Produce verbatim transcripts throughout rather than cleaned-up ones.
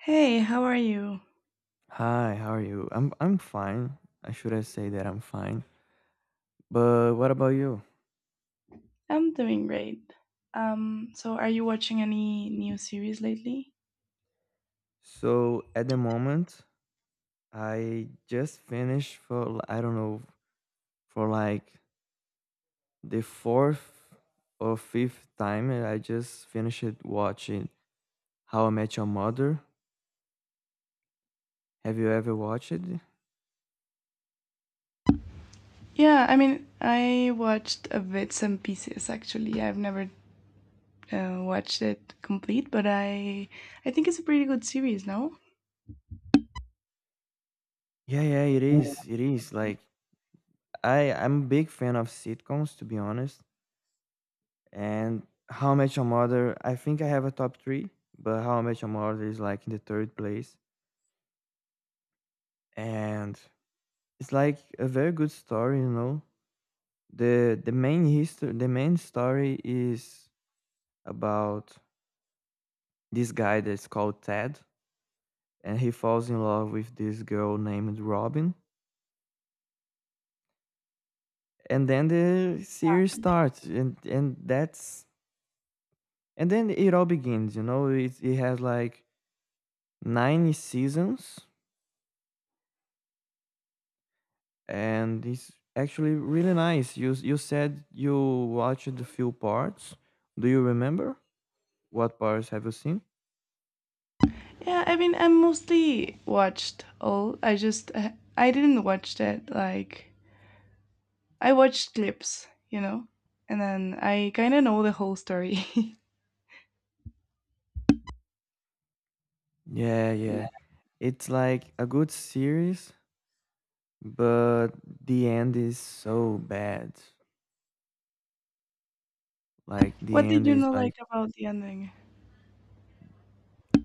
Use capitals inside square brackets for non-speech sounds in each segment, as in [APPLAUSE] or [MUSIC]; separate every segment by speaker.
Speaker 1: Hey, how are you?
Speaker 2: Hi, how are you? I'm I'm fine. I should I say that I'm fine. But what about you?
Speaker 1: I'm doing great. Um, so are you watching any new series lately?
Speaker 2: So at the moment, I just finished for l- I don't know, for like the fourth or fifth time, and I just finished watching How I Met Your Mother. Have you ever watched it?
Speaker 1: Yeah, I mean, I watched a bit, some pieces actually. I've never uh, watched it complete, but I I think it's a pretty good series, no?
Speaker 2: Yeah, yeah, it is. It is like I I'm a big fan of sitcoms, to be honest. And How I Met Your Mother, I think I have a top three, but How I Met Your Mother is like in the third place. And it's like a very good story, you know. The the main history the main story is about this guy that's called Ted, and he falls in love with this girl named Robin. And then the series starts, and and that's and then it all begins, you know. It it has like nine seasons, and it's actually really nice. You you said you watched a few parts. Do you remember what parts have you seen?
Speaker 1: Yeah, I mean, I mostly watched all. I just uh, I didn't watch that like I watched clips, you know, and then I kind of know the whole story. [LAUGHS]
Speaker 2: Yeah, yeah. It's like a good series, but the end is so bad. Like the
Speaker 1: What did
Speaker 2: end
Speaker 1: you
Speaker 2: is
Speaker 1: know
Speaker 2: like,
Speaker 1: like about the ending?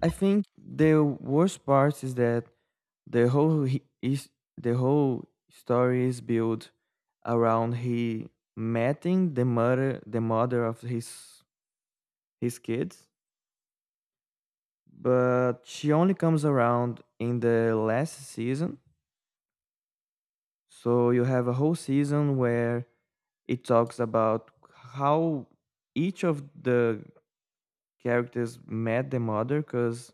Speaker 2: I think the worst part is that the whole he- is the whole story is built around he meeting the mother the mother of his his kids, but she only comes around in the last season. So you have a whole season where it talks about how each of the characters met the mother, because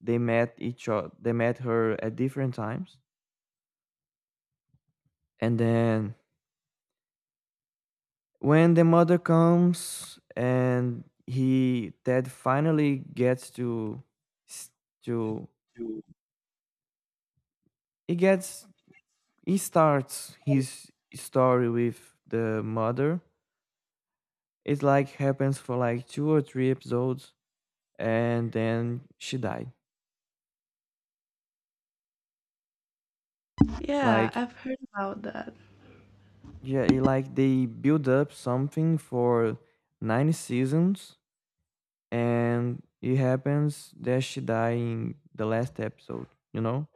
Speaker 2: they met each other, they met her at different times. And then when the mother comes, and he Ted finally gets to s- to he gets he starts his story with the mother. It's like happens for like two or three episodes, and then she died.
Speaker 1: Yeah,
Speaker 2: Like,
Speaker 1: I've heard about that.
Speaker 2: yeah, it, like they build up something for nine seasons, and it happens that she died in the last episode. You know,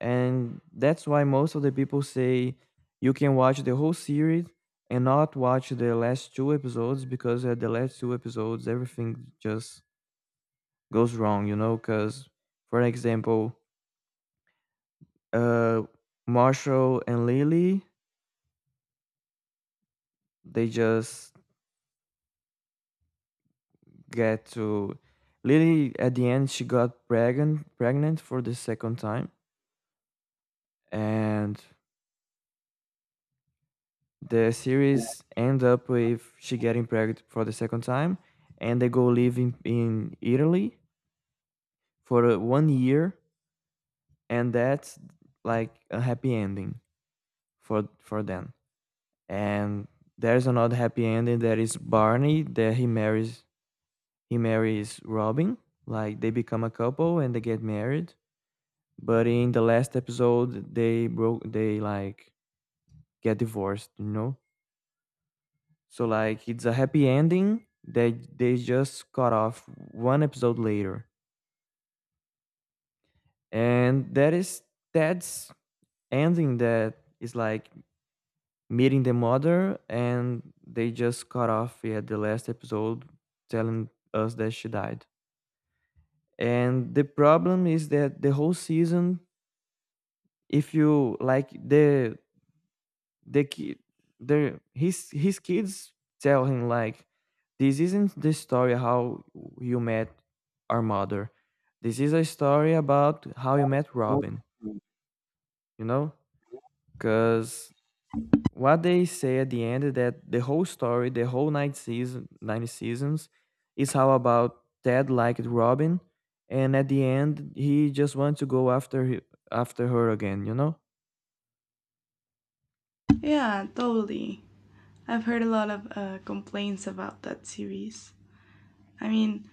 Speaker 2: and that's why most of the people say you can watch the whole series and not watch the last two episodes, because at the last two episodes everything just goes wrong. You know, because for example, uh, Marshall and Lily, they just get to Lily at the end, she got pregnant pregnant for the second time, and the series end up with she getting pregnant for the second time, and they go live in, in Italy for uh, one year, and that's like a happy ending for for them. And there's another happy ending that is Barney, that he marries he marries Robin. Like they become a couple and they get married. But in the last episode, they broke. They like get divorced. You know. So like it's a happy ending. They they just cut off one episode later, and that is Ted's ending, that is like meeting the mother, and they just cut off at the last episode, telling us that she died. And the problem is that the whole season, if you like, the the kid the his his kids tell him like, this isn't the story how you met our mother. This is a story about how you met Robin, you know. Because what they say at the end is that the whole story, the whole nine season nine seasons, is how about Ted liked Robin, and at the end he just wants to go after he, after her again you know
Speaker 1: Yeah, totally. I've heard a lot of uh, complaints about that series. I mean,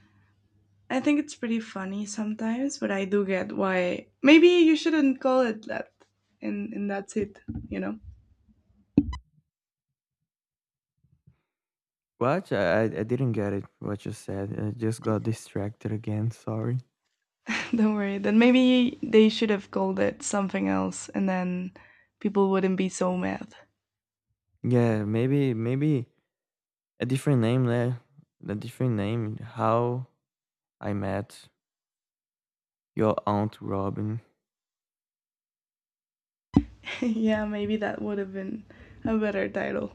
Speaker 1: I think it's pretty funny sometimes, but I do get why. Maybe you shouldn't call it that, and and that's it. You know,
Speaker 2: What? I, I I didn't get it. What you said. I just got distracted again. Sorry.
Speaker 1: [LAUGHS] don't worry. Then maybe they should have called it something else, and then people wouldn't be so mad.
Speaker 2: Yeah, maybe maybe a different name there. A different name. How I met your aunt Robin.
Speaker 1: [LAUGHS] Yeah, maybe that would have been a better title.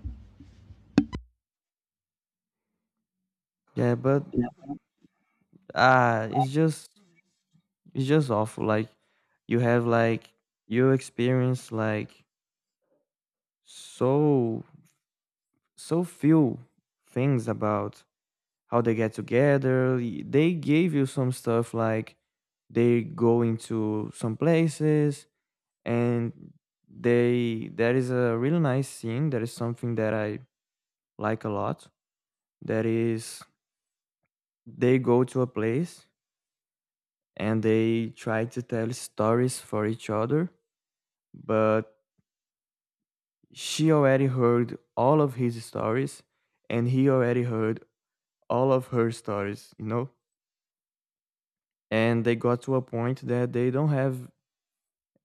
Speaker 2: Yeah, but uh it's just it's just awful. Like you have like you experience like so so few things about how they get together. y- They gave you some stuff like they go into some places, and they, that is a really nice scene. That is something that I like a lot. That is, they go to a place and they try to tell stories for each other, but she already heard all of his stories and he already heard all of her stories, you know? And they got to a point that they don't have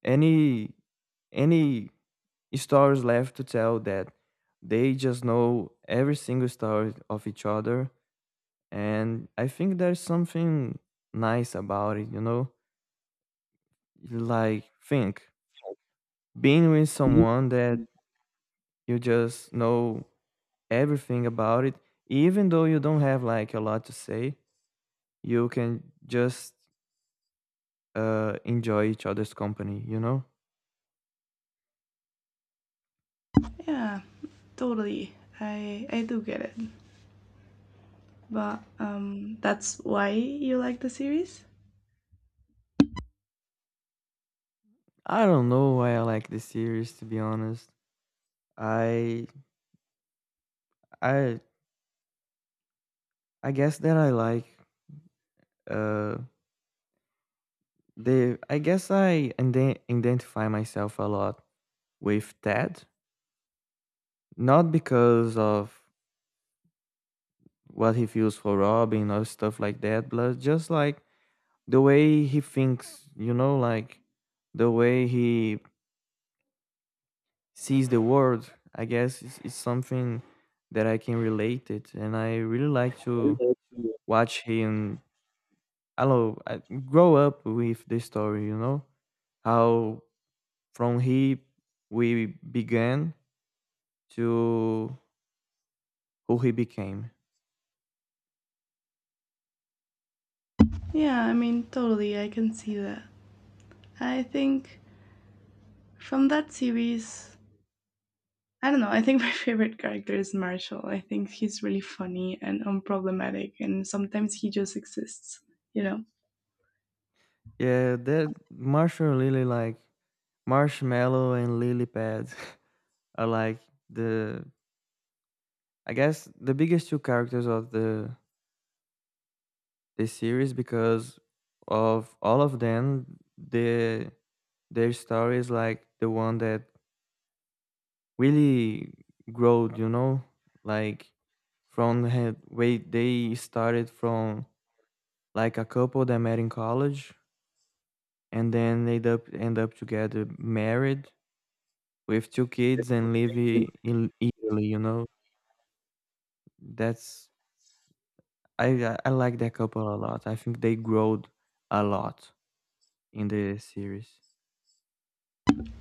Speaker 2: any any stories left to tell, that they just know every single story of each other. And I think there's something nice about it you know Like, think, being with someone that you just know everything about it, even though you don't have like a lot to say, you can just uh enjoy each other's company you know
Speaker 1: Yeah, totally. I I do get it. But um, that's why you like the series?
Speaker 2: I don't know why I like this series, to be honest. I I I guess that I like uh the I guess I inde- identify myself a lot with Ted, not because of what he feels for Robin or stuff like that, but just like the way he thinks, you know, like the way he sees the world. I guess it's, it's something that I can relate it, and I really like to watch him. I don't know, I grow up with this story, you know, how from he we began to who he became.
Speaker 1: Yeah, I mean, totally, I can see that. I think from that series, I don't know, I think [LAUGHS] my favorite character is Marshall. I think he's really funny and unproblematic, and sometimes he just exists, you know?
Speaker 2: Yeah, that Marshall and Lily, like Marshmallow and Lily Pad [LAUGHS] are like the, I guess, the biggest two characters of the the series, because of all of them, the their story is like the one that really growed, you know, like from the way they started, from like a couple that met in college, and then they end up end up together married with two kids and live i- in Italy, you know. That's, I I I like that couple a lot. I think they growed a lot in the series.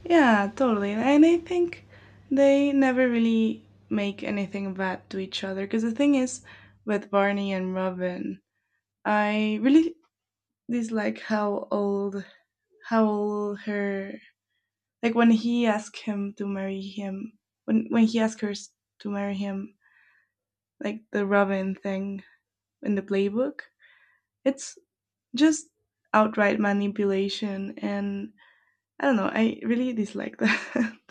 Speaker 1: Yeah, totally. And I think they never really make anything bad to each other. Because the thing is, with Barney and Robin, I really dislike how old how old her like when he asked him to marry him when when he asked her to marry him, like the Robin thing in the playbook, it's just outright manipulation, and I don't know, I really dislike that. [LAUGHS]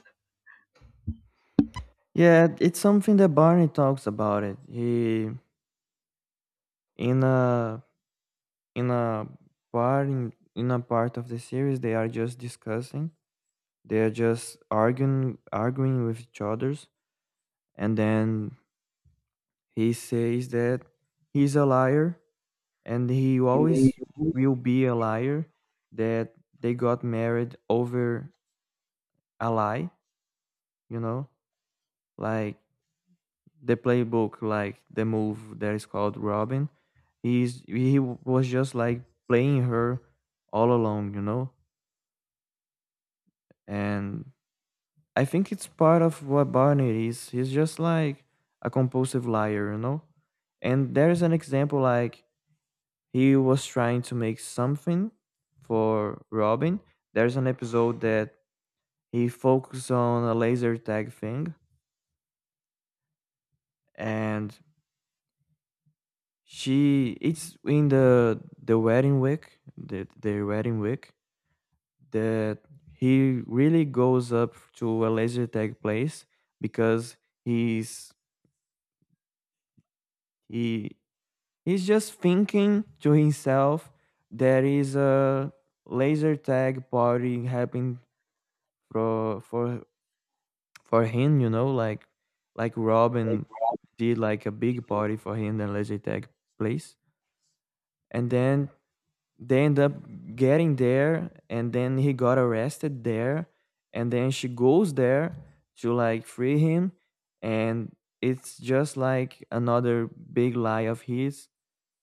Speaker 2: Yeah, it's something that Barney talks about it. He, in a in a part in, in a part of the series, they are just discussing. They are just arguing arguing with each others, and then he says that he's a liar, and he always will be a liar, that they got married over a lie, you know. Like the playbook, like the move that is called Robin, he's he was just like playing her all along, you know. And I think it's part of what Barney is, he's just like a compulsive liar, you know. And there's an example, like, he was trying to make something for Robin. There's an episode that he focused on a laser tag thing, and she, it's in the the wedding week the their wedding week, that he really goes up to a laser tag place, because he's he he's just thinking to himself, there is a laser tag party happening for for for him, you know, like like Robin did like a big party for him in the laser tag place, and then they end up getting there, and then he got arrested there, and then she goes there to like free him, and it's just like another big lie of his,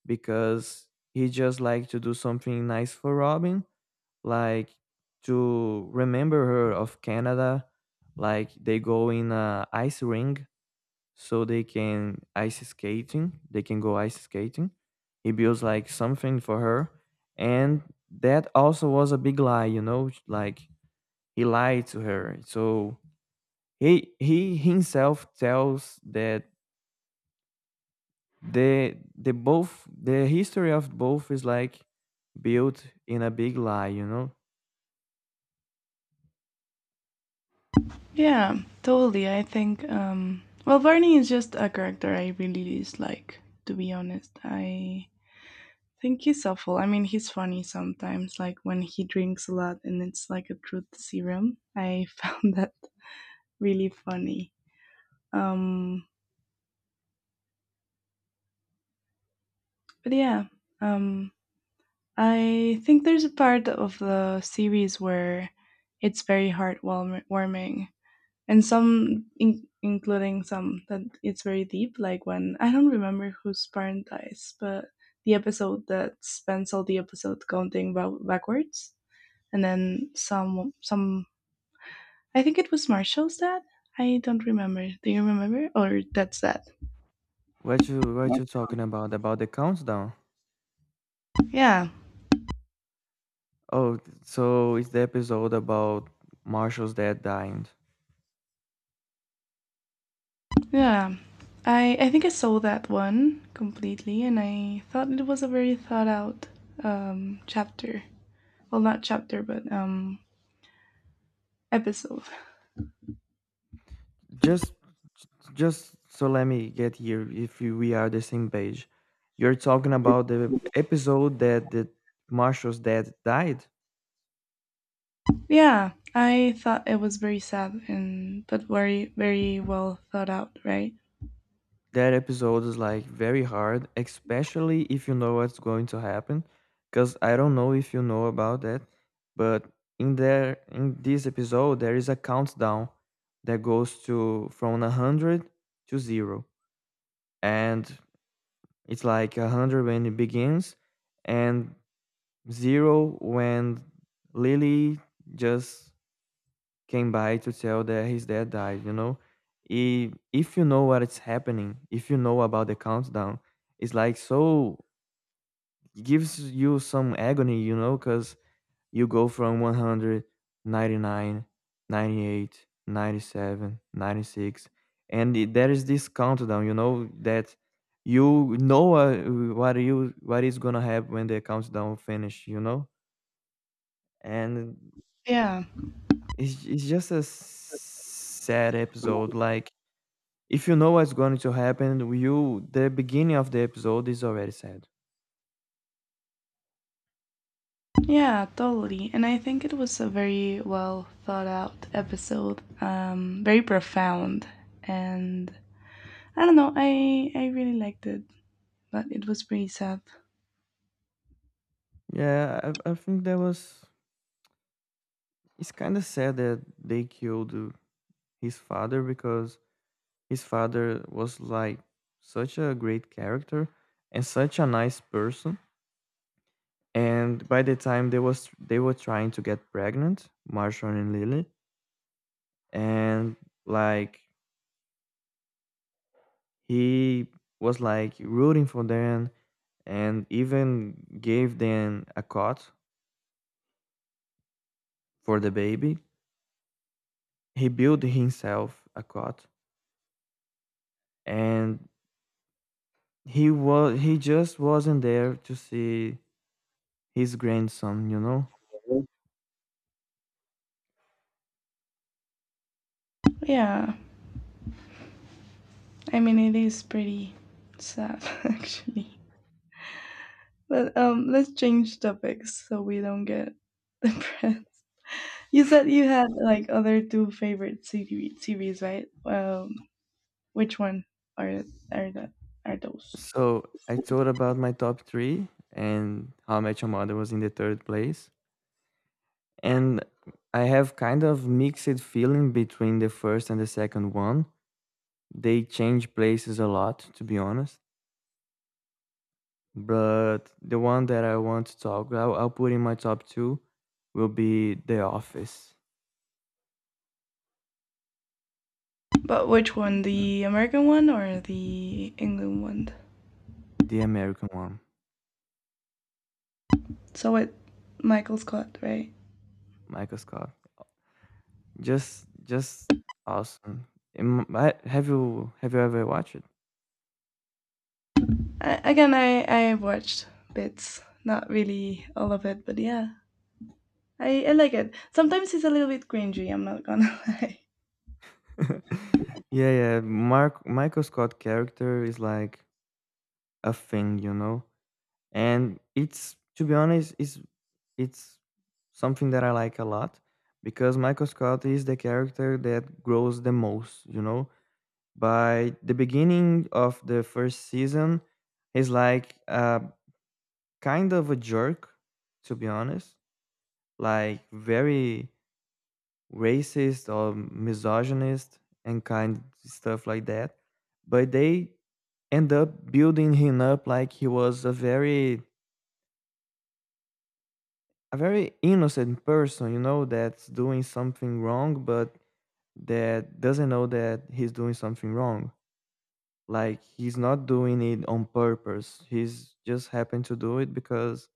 Speaker 2: because he just like to do something nice for Robin, like to remember her of Canada, like they go in a ice ring so they can ice skating. They can go ice skating. He builds like something for her, and that also was a big lie, you know, like he lied to her. So he he himself tells that the the both the history of both is like built in a big lie, you know.
Speaker 1: Yeah, totally, I think, um well, Barney is just a character I really dislike, to be honest. I think he's awful. I mean, he's funny sometimes, like when he drinks a lot and it's like a truth serum, I [LAUGHS] found that really funny. Um, but yeah, um, I think there's a part of the series where it's very heartwarming, and some, in- including some that it's very deep, like when I don't remember whose parent dies, but the episode that spends all the episode counting ba- backwards, and then some, some. I think it was Marshall's dad. I don't remember. Do you remember, or that's that?
Speaker 2: What you what you talking about about the countdown?
Speaker 1: Yeah.
Speaker 2: Oh, so it's the episode about Marshall's dad dying.
Speaker 1: Yeah. I I think I saw that one completely, and I thought it was a very thought out um chapter. Well, not chapter, but um episode.
Speaker 2: Just just so let me get here if you, we are the same page. You're talking about the episode that the Marshall's dad died.
Speaker 1: Yeah, I thought it was very sad and but very, very well thought out, right?
Speaker 2: That episode is like very hard, especially if you know what's going to happen. Because I don't know if you know about that, but in there in this episode there is a countdown that goes to from a hundred to zero, and it's like a hundred when it begins, and zero when Lily just came by to tell that his dad died, you know? I- If you know what is happening, if you know about the countdown, it's like, so it gives you some agony, you know, because you go from one hundred, ninety-eight, ninety-seven, ninety-six, and it- there is this countdown, you know, that you know uh, what you what is gonna happen when the countdown finish, you know? And
Speaker 1: Yeah.
Speaker 2: It's it's just a sad episode. Like, if you know what's going to happen, you, the beginning of the episode is already sad.
Speaker 1: Yeah, totally. And I think it was a very well thought out episode. Um very profound, and I don't know, I I really liked it, but it was pretty sad.
Speaker 2: Yeah, I, I think that was. It's kind of sad that they killed uh, his father, because his father was like such a great character and such a nice person. And by the time they was they were trying to get pregnant, Marshall and Lily, and like he was like rooting for them and even gave them a cot for the baby. He built himself a cot, and he was he just wasn't there to see his grandson, you know?
Speaker 1: Yeah. I mean, it is pretty sad, [LAUGHS] actually. But um, let's change topics so we don't get [LAUGHS] depressed. You said you had like other two favorite C V- series, right? Um, which one are are that are those?
Speaker 2: So I told about my top three and How I Met Your Mother was in the third place. And I have kind of mixed feeling between the first and the second one. They change places a lot, to be honest. But the one that I want to talk, I'll, I'll put in my top two, will be The Office,
Speaker 1: But which one, the American one or the England one?
Speaker 2: the American one,
Speaker 1: So it Michael Scott, right?
Speaker 2: Michael Scott. Just, just awesome. Am- I- Have you have you ever watched it?
Speaker 1: I, again, I I watched bits, not really all of it, but yeah, I I like it. Sometimes it's a little bit cringy. I'm not gonna [LAUGHS] lie.
Speaker 2: [LAUGHS] Yeah, yeah. Mark Michael Scott character is like a thing, you know. And it's to be honest, it's it's something that I like a lot because Michael Scott is the character that grows the most, you know. By the beginning of the first season, he's like uh, kind of a jerk, to be honest, like very racist or misogynist and kind stuff like that. But they end up building him up like he was a very a very innocent person, you know, that's doing something wrong, but that doesn't know that he's doing something wrong. Like he's not doing it on purpose. He's just happened to do it because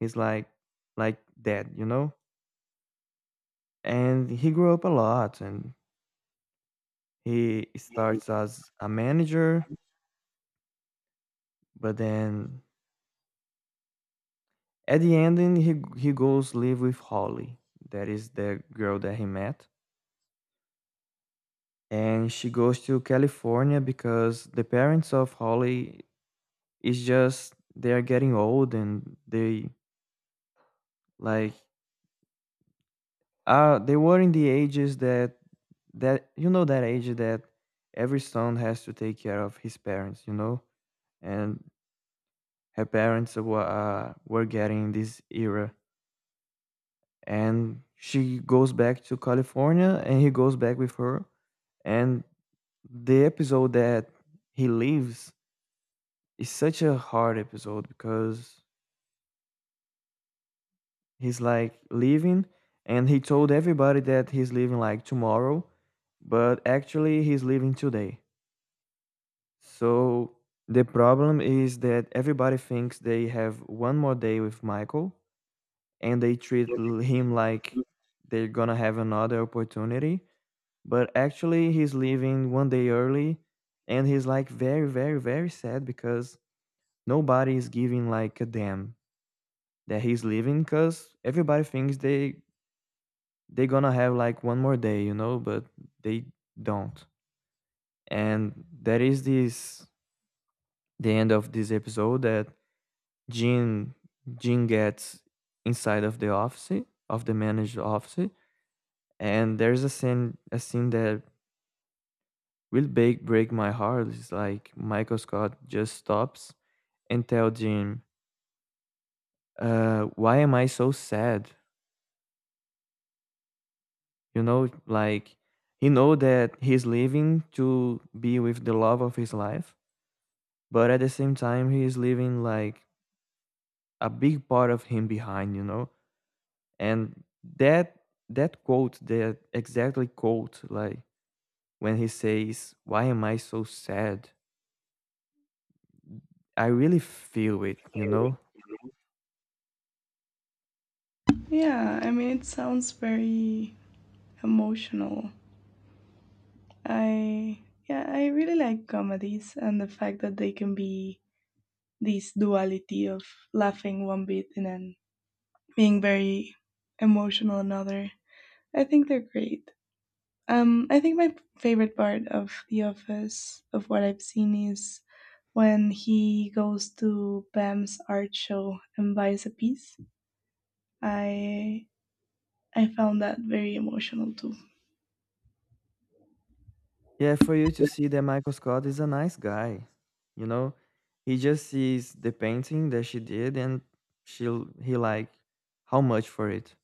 Speaker 2: he's like like that, you know? And he grew up a lot and he starts as a manager, but then at the ending he he goes live with Holly. That is the girl that he met. And she goes to California because the parents of Holly is just they are getting old and they like Uh, they were in the ages that that you know that age that every son has to take care of his parents, you know, and her parents were uh, were getting this era, and she goes back to California, and he goes back with her, and the episode that he leaves is such a hard episode because he's like leaving, and he told everybody that he's leaving like tomorrow, but actually he's leaving today. So the problem is that everybody thinks they have one more day with Michael and they treat l- him like they're gonna have another opportunity. But actually, he's leaving one day early and he's like very, very, very sad because nobody is giving like a damn that he's leaving because everybody thinks they they're gonna have like one more day, you know, but they don't. And that is this the end of this episode that Jim Jim gets inside of the office of the manager office, and there's a scene a scene that will break break my heart. It's like Michael Scott just stops and tell Jim, uh, "Why am I so sad?" You know, like he know that he's leaving to be with the love of his life, but at the same time he's leaving like a big part of him behind. You know, and that that quote that exactly quote like when he says, why am I so sad? I really feel it, you know?
Speaker 1: Yeah, I mean, it sounds very emotional. I, yeah, I really like comedies and the fact that they can be this duality of laughing one bit and then being very emotional another. I think they're great. Um, I think my favorite part of The Office, of what I've seen, is when he goes to Pam's art show and buys a piece. I I found that very emotional too.
Speaker 2: Yeah, for you to see that Michael Scott is a nice guy, you know? He just sees the painting that she did and she he like how much for it?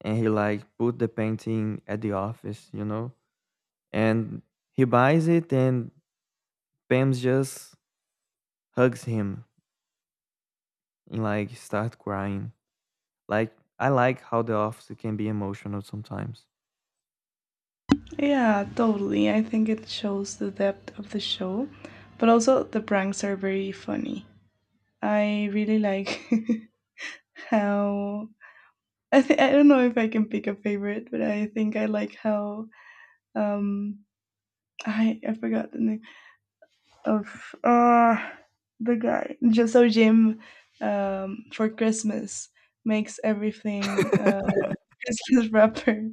Speaker 2: And he like put the painting at the office, you know? And he buys it and Pam just hugs him and like start crying. Like I like how the office can be emotional sometimes.
Speaker 1: Yeah, totally. I think it shows the depth of the show, but also the pranks are very funny. I really like [LAUGHS] how I th- I don't know if I can pick a favorite, but I think I like how um I I forgot the name of uh the guy. Just so Jim um for Christmas makes everything uh [LAUGHS] Christmas wrapper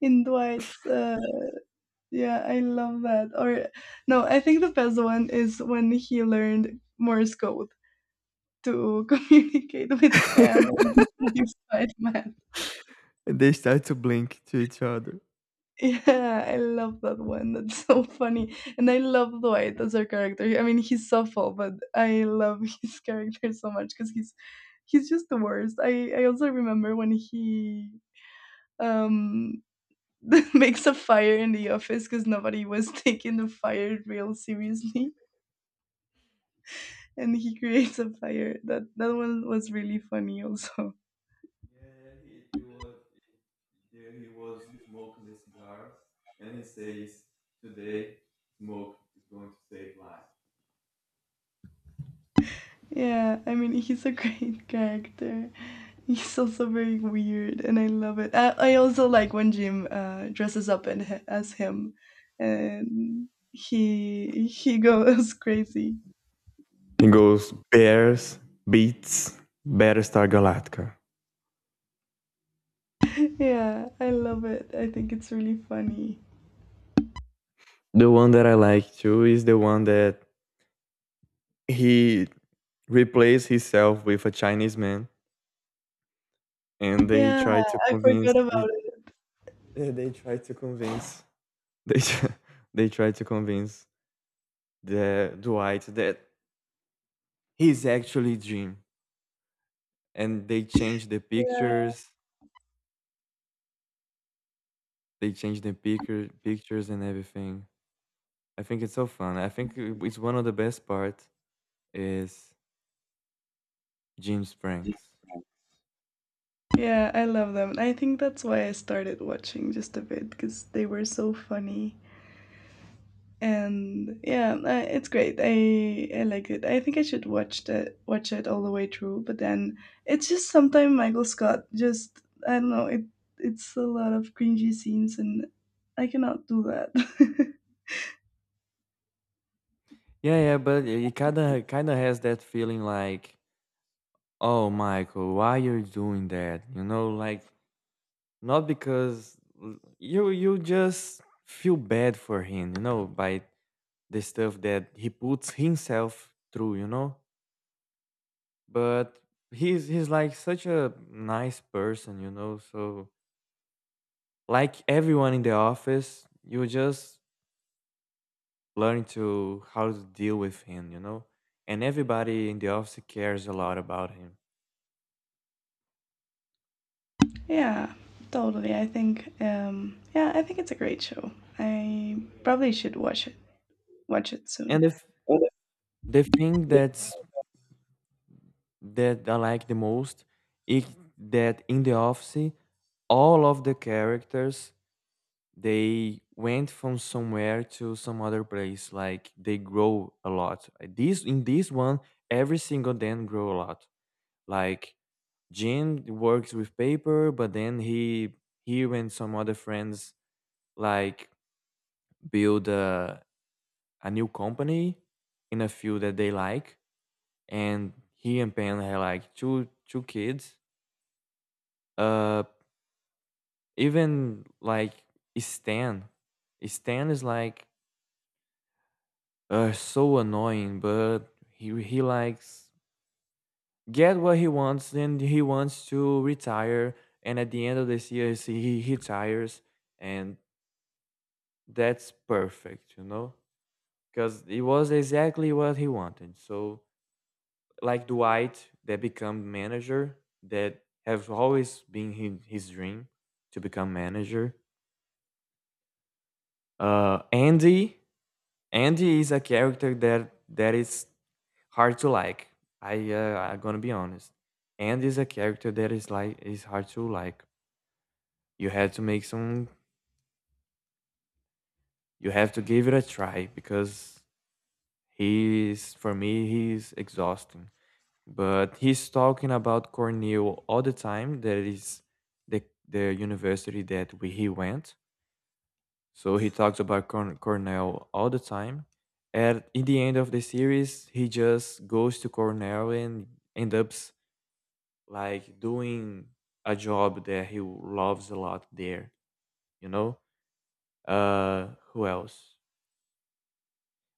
Speaker 1: in Dwight's uh Yeah, I love that. Or no, I think the best one is when he learned Morse code to [LAUGHS] communicate with Pam
Speaker 2: [LAUGHS]
Speaker 1: and [LAUGHS] Spider-Man.
Speaker 2: And they start to blink to each other.
Speaker 1: Yeah, I love that one. That's so funny. And I love Dwight as our character. I mean, he's awful, but I love [LAUGHS] his character so much because he's he's just the worst. I I also remember when he um [LAUGHS] makes a fire in the office because nobody was [LAUGHS] taking the fire real seriously and he creates a fire. That that one was really funny also. Yeah, I mean he's a [LAUGHS] great character. He's also very weird, and I love it. I, I also like when Jim uh, dresses up and, as him, and he he goes crazy. [LAUGHS]
Speaker 2: It goes bears beats Battlestar Galactica.
Speaker 1: Yeah, I love it. I think it's really funny.
Speaker 2: The one that I like too is the one that he replaced himself with a Chinese man, and they
Speaker 1: Yeah,
Speaker 2: try to
Speaker 1: I
Speaker 2: convince.
Speaker 1: forgot
Speaker 2: They,
Speaker 1: about it.
Speaker 2: eh, they try to convince. They tr- [LAUGHS] they try to convince the Dwight that he's actually Jim, and they change the
Speaker 1: Yeah.
Speaker 2: pictures. They change the picture pictures and everything. I think it's so fun. I think I it's one of the best part is Jim Franks.
Speaker 1: Yeah, I love them. I think that's why I started watching just a bit because they were so funny. And yeah, uh, it's great, i i like it. I think I should watch the watch it all the way through, but then it's just sometimes Michael Scott just, I don't know, it it's a lot of cringy scenes and I cannot do that. [LAUGHS]
Speaker 2: Yeah, yeah, but it it kinda kinda has that feeling like, "Oh, Michael, why you're doing that?" You know, like, not because l you you just feel bad for him, you know, by the stuff that he puts himself through, you know? But he's he's, like, such a nice person, you know? So, like everyone in the office, you just learn to how to deal with him, you know? And everybody in the office cares a lot about him.
Speaker 1: Yeah, totally, I think, um yeah, I think it's a great show. I probably should watch it watch it
Speaker 2: And
Speaker 1: soon.
Speaker 2: the, f- the thing that's that I like the most is that in the office, all of the characters they went from somewhere to some other place. Like they grow a lot. Uh, This In this one, every single them grow a lot. Like Jim works with paper, but then he he and some other friends like build a, a new company in a field that they like and he and Pen had like two two kids uh even like Stan Stan is like uh so annoying but he he likes get what he wants and he wants to retire and at the end of this year he he retires and that's perfect you know because it was exactly what he wanted so like Dwight that become manager that have always been his, his dream to become manager. Uh, Andy, Andy is a character that that is hard to like. I uh, I'm gonna be honest. Andy is a character that is like is hard to like. You have to make some. You have to give it a try because he is for me he is exhausting. But he's talking about Cornell all the time. That is the the university that we, he went. So he talks about Corn- Cornell all the time. And in the end of the series, he just goes to Cornell and ends up like doing a job that he loves a lot there. You know, uh, who else?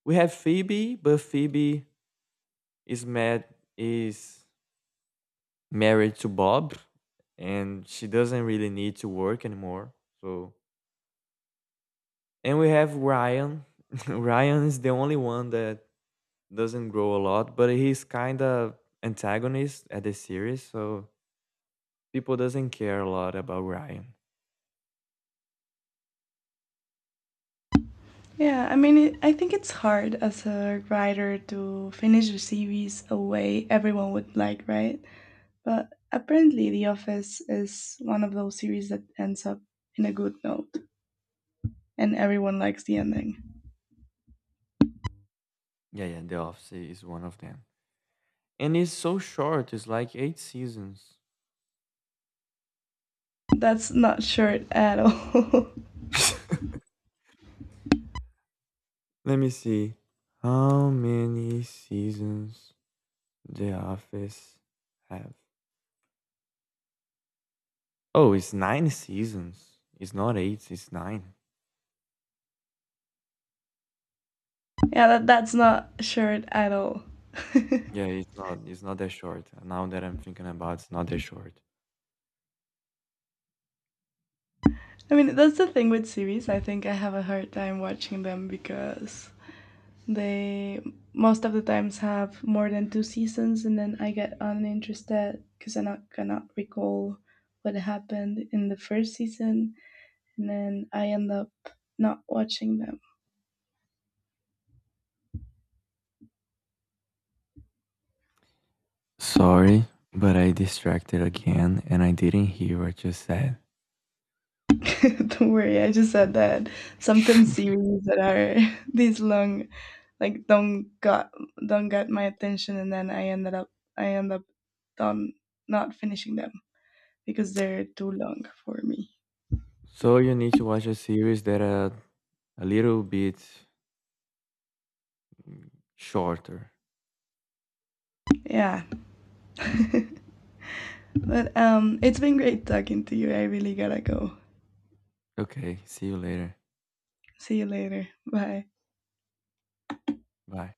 Speaker 2: We have Phoebe, but Phoebe is mad. Is married to Bob, and she doesn't really need to work anymore. So, and we have Ryan. [LAUGHS] Ryan is the only one that doesn't grow a lot, but he's kind of antagonist at the series, so people doesn't care a lot about Ryan.
Speaker 1: Yeah, I mean, it, I think it's hard as a writer to finish the series a way everyone would like, right? But apparently, The Office is one of those series that ends up in a good note, and everyone likes the ending.
Speaker 2: Yeah, yeah, The Office is one of them. And it's so short, it's like eight seasons.
Speaker 1: That's not short at all. [LAUGHS]
Speaker 2: [LAUGHS] Let me see. How many seasons The Office have? Oh, it's nine seasons. It's not eight, it's nine.
Speaker 1: Yeah, that, that's not short at all. [LAUGHS] I
Speaker 2: Yeah, it's not it's not that short. Now that I'm thinking about it's not that short.
Speaker 1: mean, that's the thing with series. I think I have a hard time watching them because they most of the times have more than two seasons, and then I get uninterested because I not, cannot recall what happened in the first season, and then I end up not watching them.
Speaker 2: Sorry, but I distracted again and I didn't hear what you said.
Speaker 1: [LAUGHS] Don't worry, I just said that sometimes series that are [LAUGHS] these long, like don't got don't got my attention, and then I ended up I end up done not finishing them because they're too long for me.
Speaker 2: So you need to watch a series that are a little bit shorter.
Speaker 1: Yeah, [LAUGHS] but um, it's been great talking to you. I really gotta go.
Speaker 2: Okay, see you later.
Speaker 1: See you later. Bye.
Speaker 2: Bye.